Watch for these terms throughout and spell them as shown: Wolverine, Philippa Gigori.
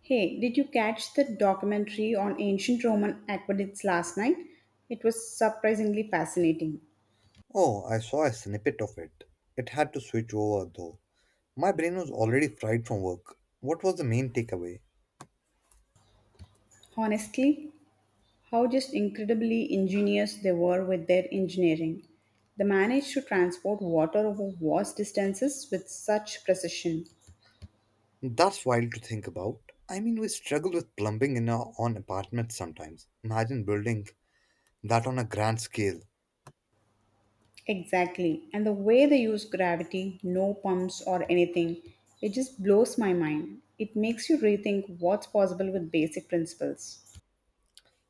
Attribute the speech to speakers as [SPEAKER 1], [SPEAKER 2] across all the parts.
[SPEAKER 1] Hey, did you catch the documentary on ancient Roman aqueducts last night? It was surprisingly fascinating.
[SPEAKER 2] Oh, I saw a snippet of it. It had to switch over though. My brain was already fried from work. What was the main takeaway?
[SPEAKER 1] Honestly, how just incredibly ingenious they were with their engineering. They managed to transport water over vast distances with such precision.
[SPEAKER 2] That's wild to think about. I mean, we struggle with plumbing in our own apartments sometimes. Imagine building that on a grand scale.
[SPEAKER 1] Exactly, and the way they use gravity, no pumps or anything, it just blows my mind. It makes you rethink what's possible with basic principles.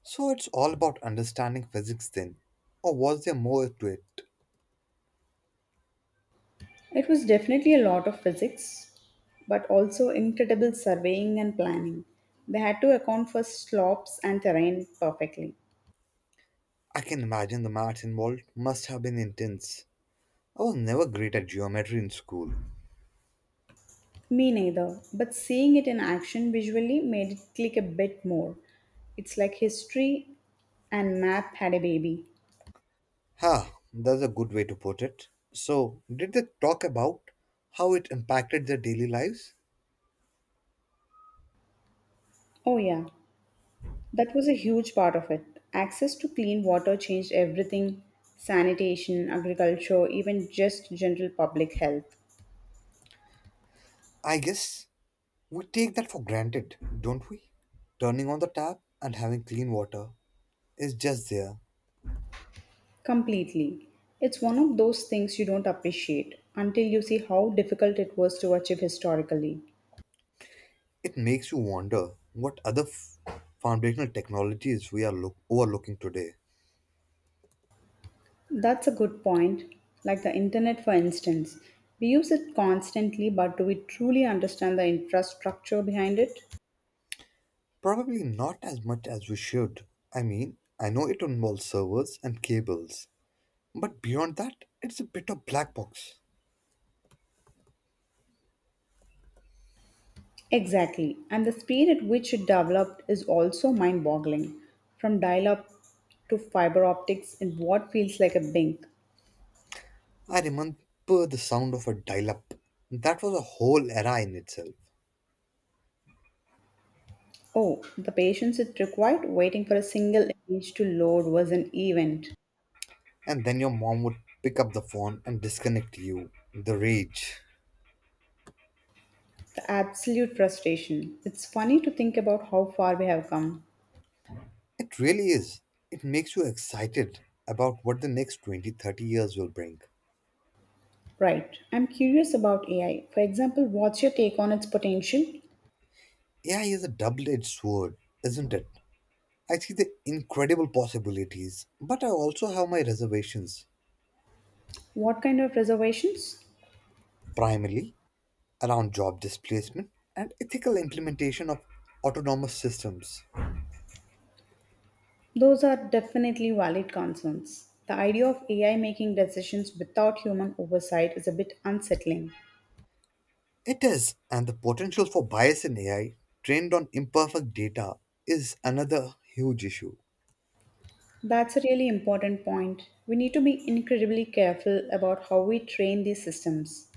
[SPEAKER 2] So it's all about understanding physics then. Or was there more to it?
[SPEAKER 1] It was definitely a lot of physics, but also incredible surveying and planning. They had to account for slopes and terrain perfectly.
[SPEAKER 2] I can imagine the maths involved must have been intense. I was never great at geometry in school.
[SPEAKER 1] Me neither, but seeing it in action visually made it click a bit more. It's like history and math had a baby.
[SPEAKER 2] Ha, that's a good way to put it. So, did they talk about how it impacted their daily lives?
[SPEAKER 1] Oh, yeah, that was a huge part of it. Access to clean water changed everything sanitation, agriculture, even just general public health.
[SPEAKER 2] I guess we take that for granted, don't we? Turning on the tap and having clean water is just there.
[SPEAKER 1] Completely. It's one of those things you don't appreciate until you see how difficult it was to achieve historically.
[SPEAKER 2] It makes you wonder what other foundational technologies we are overlooking today.
[SPEAKER 1] That's a good point. Like the internet, for instance. We use it constantly, but do we truly understand the infrastructure behind it?
[SPEAKER 2] Probably not as much as we should. I mean, I know it involves servers and cables, but beyond that, it's a bit of black box.
[SPEAKER 1] Exactly. And the speed at which it developed is also mind boggling. From dial up to fiber optics in what feels like a blink.
[SPEAKER 2] I remember the sound of a dial up. That was a whole era in itself.
[SPEAKER 1] Oh, the patience it required waiting for a single image to load was an event.
[SPEAKER 2] And then your mom would pick up the phone and disconnect you. The rage.
[SPEAKER 1] The absolute frustration. It's funny to think about how far we have come.
[SPEAKER 2] It really is. It makes you excited about what the next 20, 30 years will bring.
[SPEAKER 1] Right. I'm curious about AI. For example, what's your take on its potential?
[SPEAKER 2] AI is a double edged sword, isn't it? I see the incredible possibilities, but I also have my reservations,
[SPEAKER 1] What kind of reservations?
[SPEAKER 2] primarily around job displacement and ethical implementation of autonomous systems.
[SPEAKER 1] Those are definitely valid concerns. The idea of AI making decisions without human oversight is a bit unsettling.
[SPEAKER 2] It is, and the potential for bias in AI trained on imperfect data is another huge issue.
[SPEAKER 1] That's a really important point. We need to be incredibly careful about how we train these systems.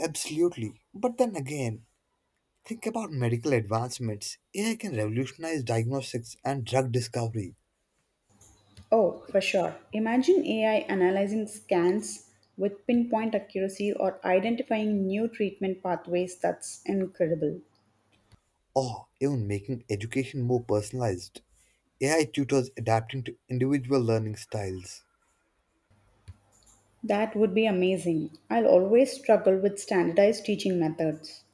[SPEAKER 2] Absolutely. But then again, think about medical advancements. AI can revolutionize diagnostics and drug discovery,
[SPEAKER 1] Oh, for sure. Imagine AI analyzing scans with pinpoint accuracy or identifying new treatment pathways. That's incredible.
[SPEAKER 2] or even making education more personalized. AI tutors adapting to individual learning styles.
[SPEAKER 1] That would be amazing. I'll always struggle with standardized teaching methods.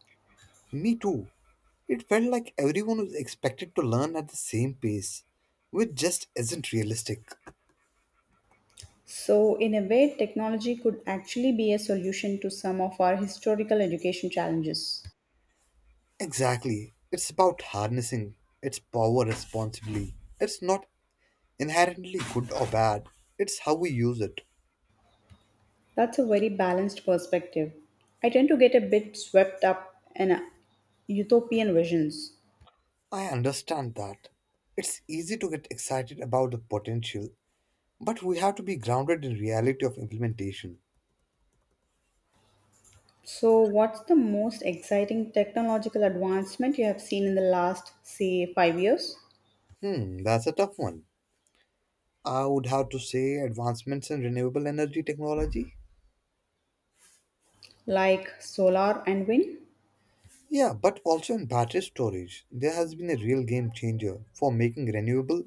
[SPEAKER 2] Me too. It felt like everyone was expected to learn at the same pace, which just isn't realistic.
[SPEAKER 1] So, in a way, technology could actually be a solution to some of our historical education challenges.
[SPEAKER 2] Exactly. It's about harnessing its power responsibly. It's not inherently good or bad, it's how we use it.
[SPEAKER 1] That's a very balanced perspective. I tend to get a bit swept up in utopian visions.
[SPEAKER 2] I understand that. It's easy to get excited about the potential, but we have to be grounded in reality of implementation.
[SPEAKER 1] So, what's the most exciting technological advancement you have seen in the last, say, 5 years?
[SPEAKER 2] That's a tough one. I would have to say advancements in renewable energy technology.
[SPEAKER 1] Like solar and wind?
[SPEAKER 2] Yeah, but also in battery storage. There has been a real game changer for making renewable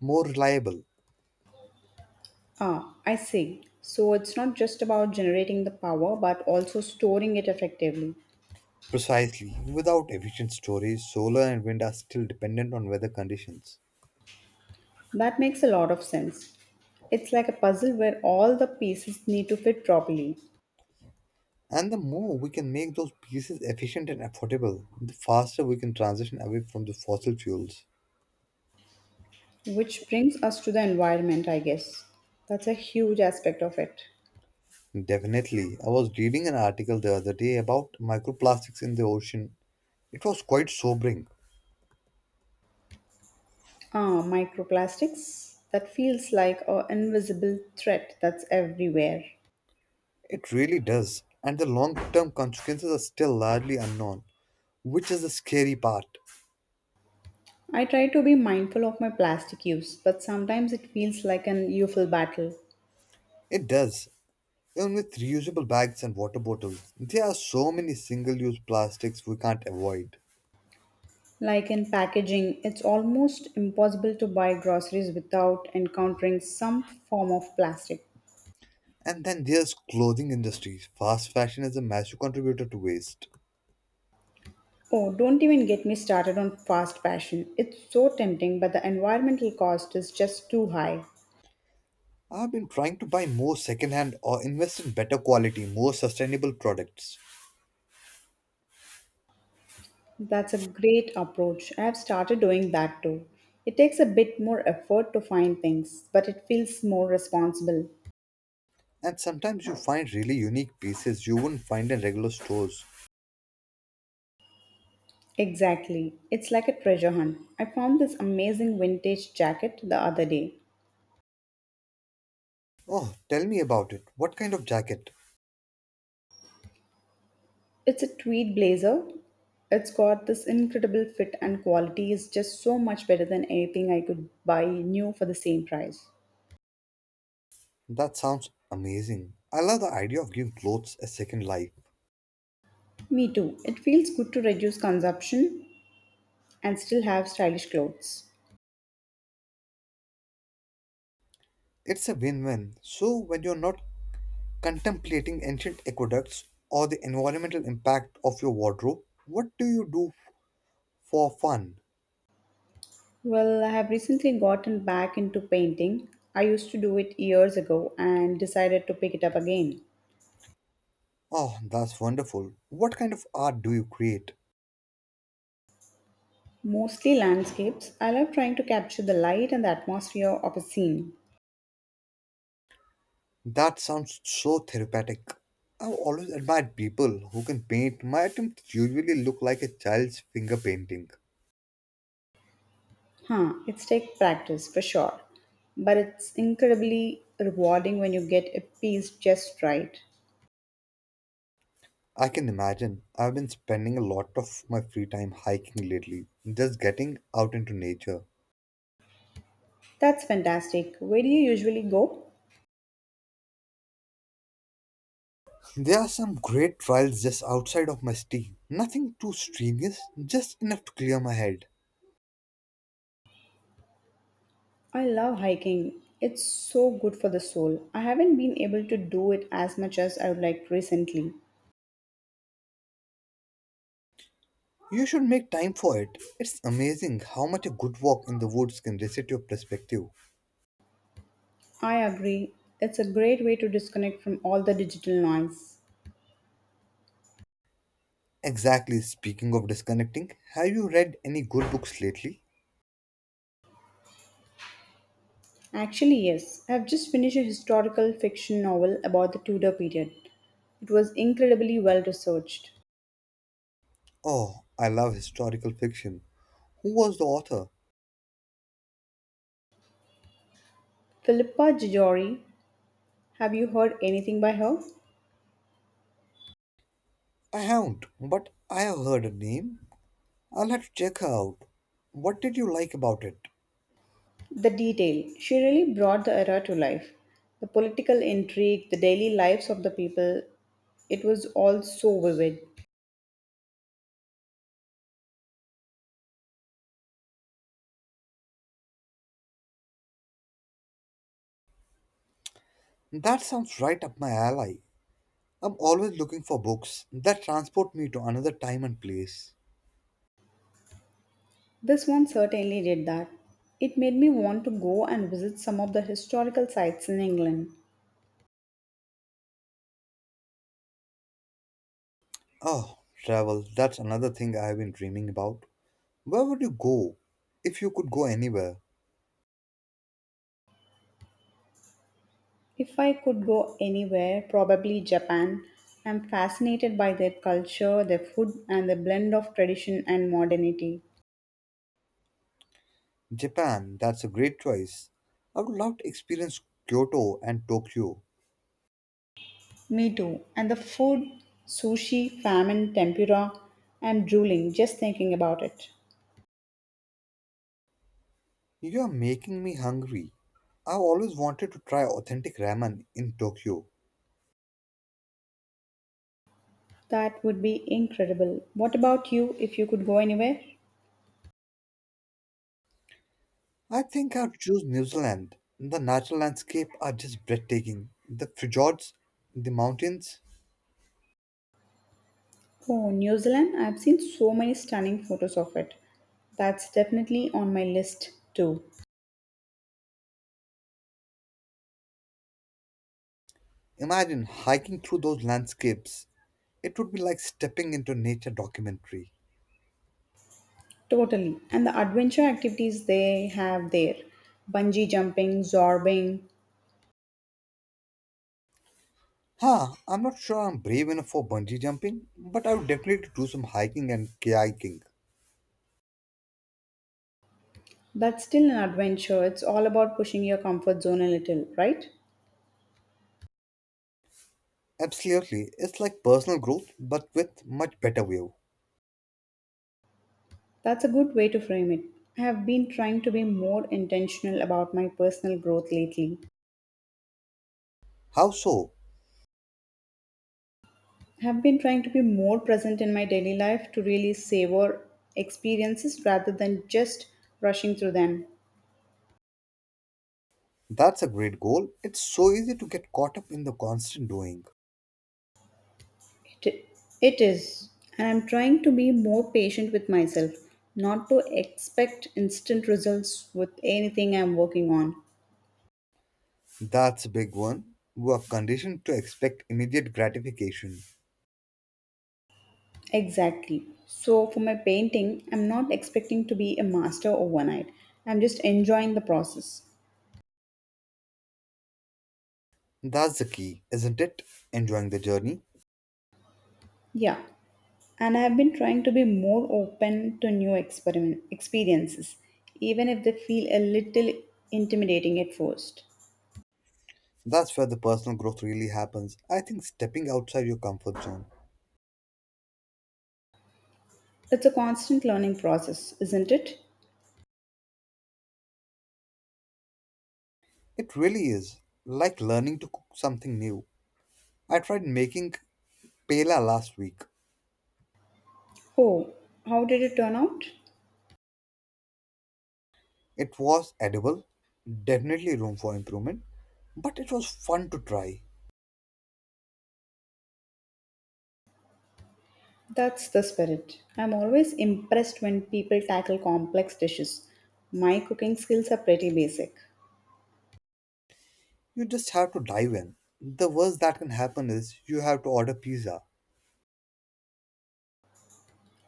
[SPEAKER 2] more reliable.
[SPEAKER 1] Ah, I see. So, it's not just about generating the power but also storing it effectively.
[SPEAKER 2] Precisely. Without efficient storage, solar and wind are still dependent on weather conditions.
[SPEAKER 1] That makes a lot of sense. It's like a puzzle where all the pieces need to fit properly,
[SPEAKER 2] And the more we can make those pieces efficient and affordable, the faster we can transition away from the fossil fuels.
[SPEAKER 1] which brings us to the environment, I guess. That's a huge aspect of it.
[SPEAKER 2] Definitely. I was reading an article the other day about microplastics in the ocean. It was quite sobering.
[SPEAKER 1] Ah, microplastics. That feels like an invisible threat that's everywhere.
[SPEAKER 2] It really does. And the long term consequences are still largely unknown, which is the scary part.
[SPEAKER 1] I try to be mindful of my plastic use, but sometimes it feels like an youthful battle.
[SPEAKER 2] It does. Even with reusable bags and water bottles, there are so many single-use plastics we can't avoid.
[SPEAKER 1] Like in packaging, it's almost impossible to buy groceries without encountering some form of plastic.
[SPEAKER 2] And then there's clothing industries. Fast fashion is a massive contributor to waste.
[SPEAKER 1] Oh, don't even get me started on fast fashion. It's so tempting, but the environmental cost is just too high.
[SPEAKER 2] I've been trying to buy more secondhand or invest in better quality, more sustainable products.
[SPEAKER 1] That's a great approach. I have started doing that too. It takes a bit more effort to find things, but it feels more responsible.
[SPEAKER 2] And sometimes you find really unique pieces you wouldn't find in regular stores.
[SPEAKER 1] Exactly. It's like a treasure hunt. I found this amazing vintage jacket the other day.
[SPEAKER 2] Oh, tell me about it. What kind of jacket?
[SPEAKER 1] It's a tweed blazer. It's got this incredible fit and quality is just so much better than anything I could buy new for the same price.
[SPEAKER 2] That sounds amazing. I love the idea of giving clothes a second life.
[SPEAKER 1] Me too. It feels good to reduce consumption and still have stylish clothes.
[SPEAKER 2] It's a win win. So, when you're not contemplating ancient aqueducts or the environmental impact of your wardrobe, what do you do for fun?
[SPEAKER 1] Well, I have recently gotten back into painting. I used to do it years ago and decided to pick it up again.
[SPEAKER 2] Oh, that's wonderful. What kind of art do you create?
[SPEAKER 1] Mostly landscapes. I love trying to capture the light and the atmosphere of a scene.
[SPEAKER 2] That sounds so therapeutic. I've always admired people who can paint. My attempts usually look like a child's finger painting.
[SPEAKER 1] Huh, it's take practice for sure. But it's incredibly rewarding when you get a piece just right.
[SPEAKER 2] I can imagine. I've been spending a lot of my free time hiking lately, just getting out into nature.
[SPEAKER 1] That's fantastic. Where do you usually go?
[SPEAKER 2] There are some great trials just outside of my city. Nothing too strenuous, just enough to clear my head.
[SPEAKER 1] I love hiking. It's so good for the soul. I haven't been able to do it as much as I would like recently.
[SPEAKER 2] You should make time for it. It's amazing how much a good walk in the woods can reset your perspective.
[SPEAKER 1] I agree. It's a great way to disconnect from all the digital noise.
[SPEAKER 2] Exactly, speaking of disconnecting, have you read any good books lately?
[SPEAKER 1] Actually, yes. I've just finished a historical fiction novel about the Tudor period. It was incredibly well researched.
[SPEAKER 2] Oh, I love historical fiction. Who was the author?
[SPEAKER 1] Philippa Gigori, have you heard anything by her?
[SPEAKER 2] I haven't, but I have heard her name. I'll have to check her out. What did you like about it?
[SPEAKER 1] The detail. She really brought the era to life. The political intrigue, the daily lives of the people, it was all so vivid.
[SPEAKER 2] That sounds right up my alley. I'm always looking for books that transport me to another time and place.
[SPEAKER 1] This one certainly did that. It made me want to go and visit some of the historical sites in England.
[SPEAKER 2] Oh, travel, that's another thing I have been dreaming about. Where would you go if you could go anywhere?
[SPEAKER 1] If I could go anywhere, probably Japan. I'm fascinated by their culture, their food, and the blend of tradition and modernity.
[SPEAKER 2] Japan, that's a great choice. I would love to experience Kyoto and Tokyo.
[SPEAKER 1] Me too. And the food, sushi, ramen, tempura. I'm drooling just thinking about it.
[SPEAKER 2] You are making me hungry. I've always wanted to try authentic ramen in Tokyo.
[SPEAKER 1] That would be incredible. What about you if you could go anywhere?
[SPEAKER 2] I think I'd choose New Zealand. The natural landscape are just breathtaking. The fjords, the mountains.
[SPEAKER 1] Oh, New Zealand. I've seen so many stunning photos of it. That's definitely on my list too.
[SPEAKER 2] Imagine hiking through those landscapes. It would be like stepping into a nature documentary.
[SPEAKER 1] Totally. And the adventure activities they have there bungee jumping, zorbing
[SPEAKER 2] Huh, I'm not sure I'm brave enough for bungee jumping, but I would definitely do some hiking and kayaking.
[SPEAKER 1] that's still an adventure. It's all about pushing your comfort zone a little, right?
[SPEAKER 2] Absolutely, it's like personal growth but with much better view.
[SPEAKER 1] That's a good way to frame it. I have been trying to be more intentional about my personal growth lately.
[SPEAKER 2] How so?
[SPEAKER 1] I have been trying to be more present in my daily life to really savor experiences rather than just rushing through them.
[SPEAKER 2] That's a great goal. It's so easy to get caught up in the constant doing.
[SPEAKER 1] It, it is, and I'm trying to be more patient with myself, not to expect instant results with anything I'm working on.
[SPEAKER 2] That's a big one. We are conditioned to expect immediate gratification.
[SPEAKER 1] Exactly. So, for my painting, I'm not expecting to be a master overnight. I'm just enjoying the process.
[SPEAKER 2] That's the key, isn't it? Enjoying the journey.
[SPEAKER 1] Yeah. And I've been trying to be more open to new experiment experiences, even if they feel a little intimidating at first.
[SPEAKER 2] That's where the personal growth really happens. I think stepping outside your comfort zone.
[SPEAKER 1] It's a constant learning process, isn't it?
[SPEAKER 2] It really is like learning to cook something new. I tried making pela last week.
[SPEAKER 1] Oh, how did it turn out?
[SPEAKER 2] It was edible, definitely room for improvement, but it was fun to try.
[SPEAKER 1] That's the spirit. I'm always impressed when people tackle complex dishes. My cooking skills are pretty basic.
[SPEAKER 2] You just have to dive in. The worst that can happen is you have to order pizza.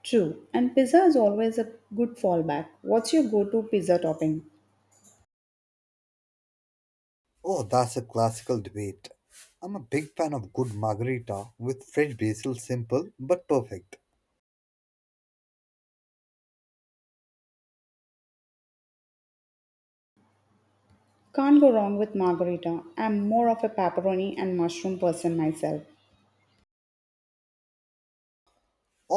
[SPEAKER 1] True, and pizza is always a good fallback. What's your go to pizza topping?
[SPEAKER 2] Oh, that's a classical debate. I'm a big fan of good margarita with fresh basil, simple but perfect.
[SPEAKER 1] Can't go wrong with margarita. I'm more of a pepperoni and mushroom person myself.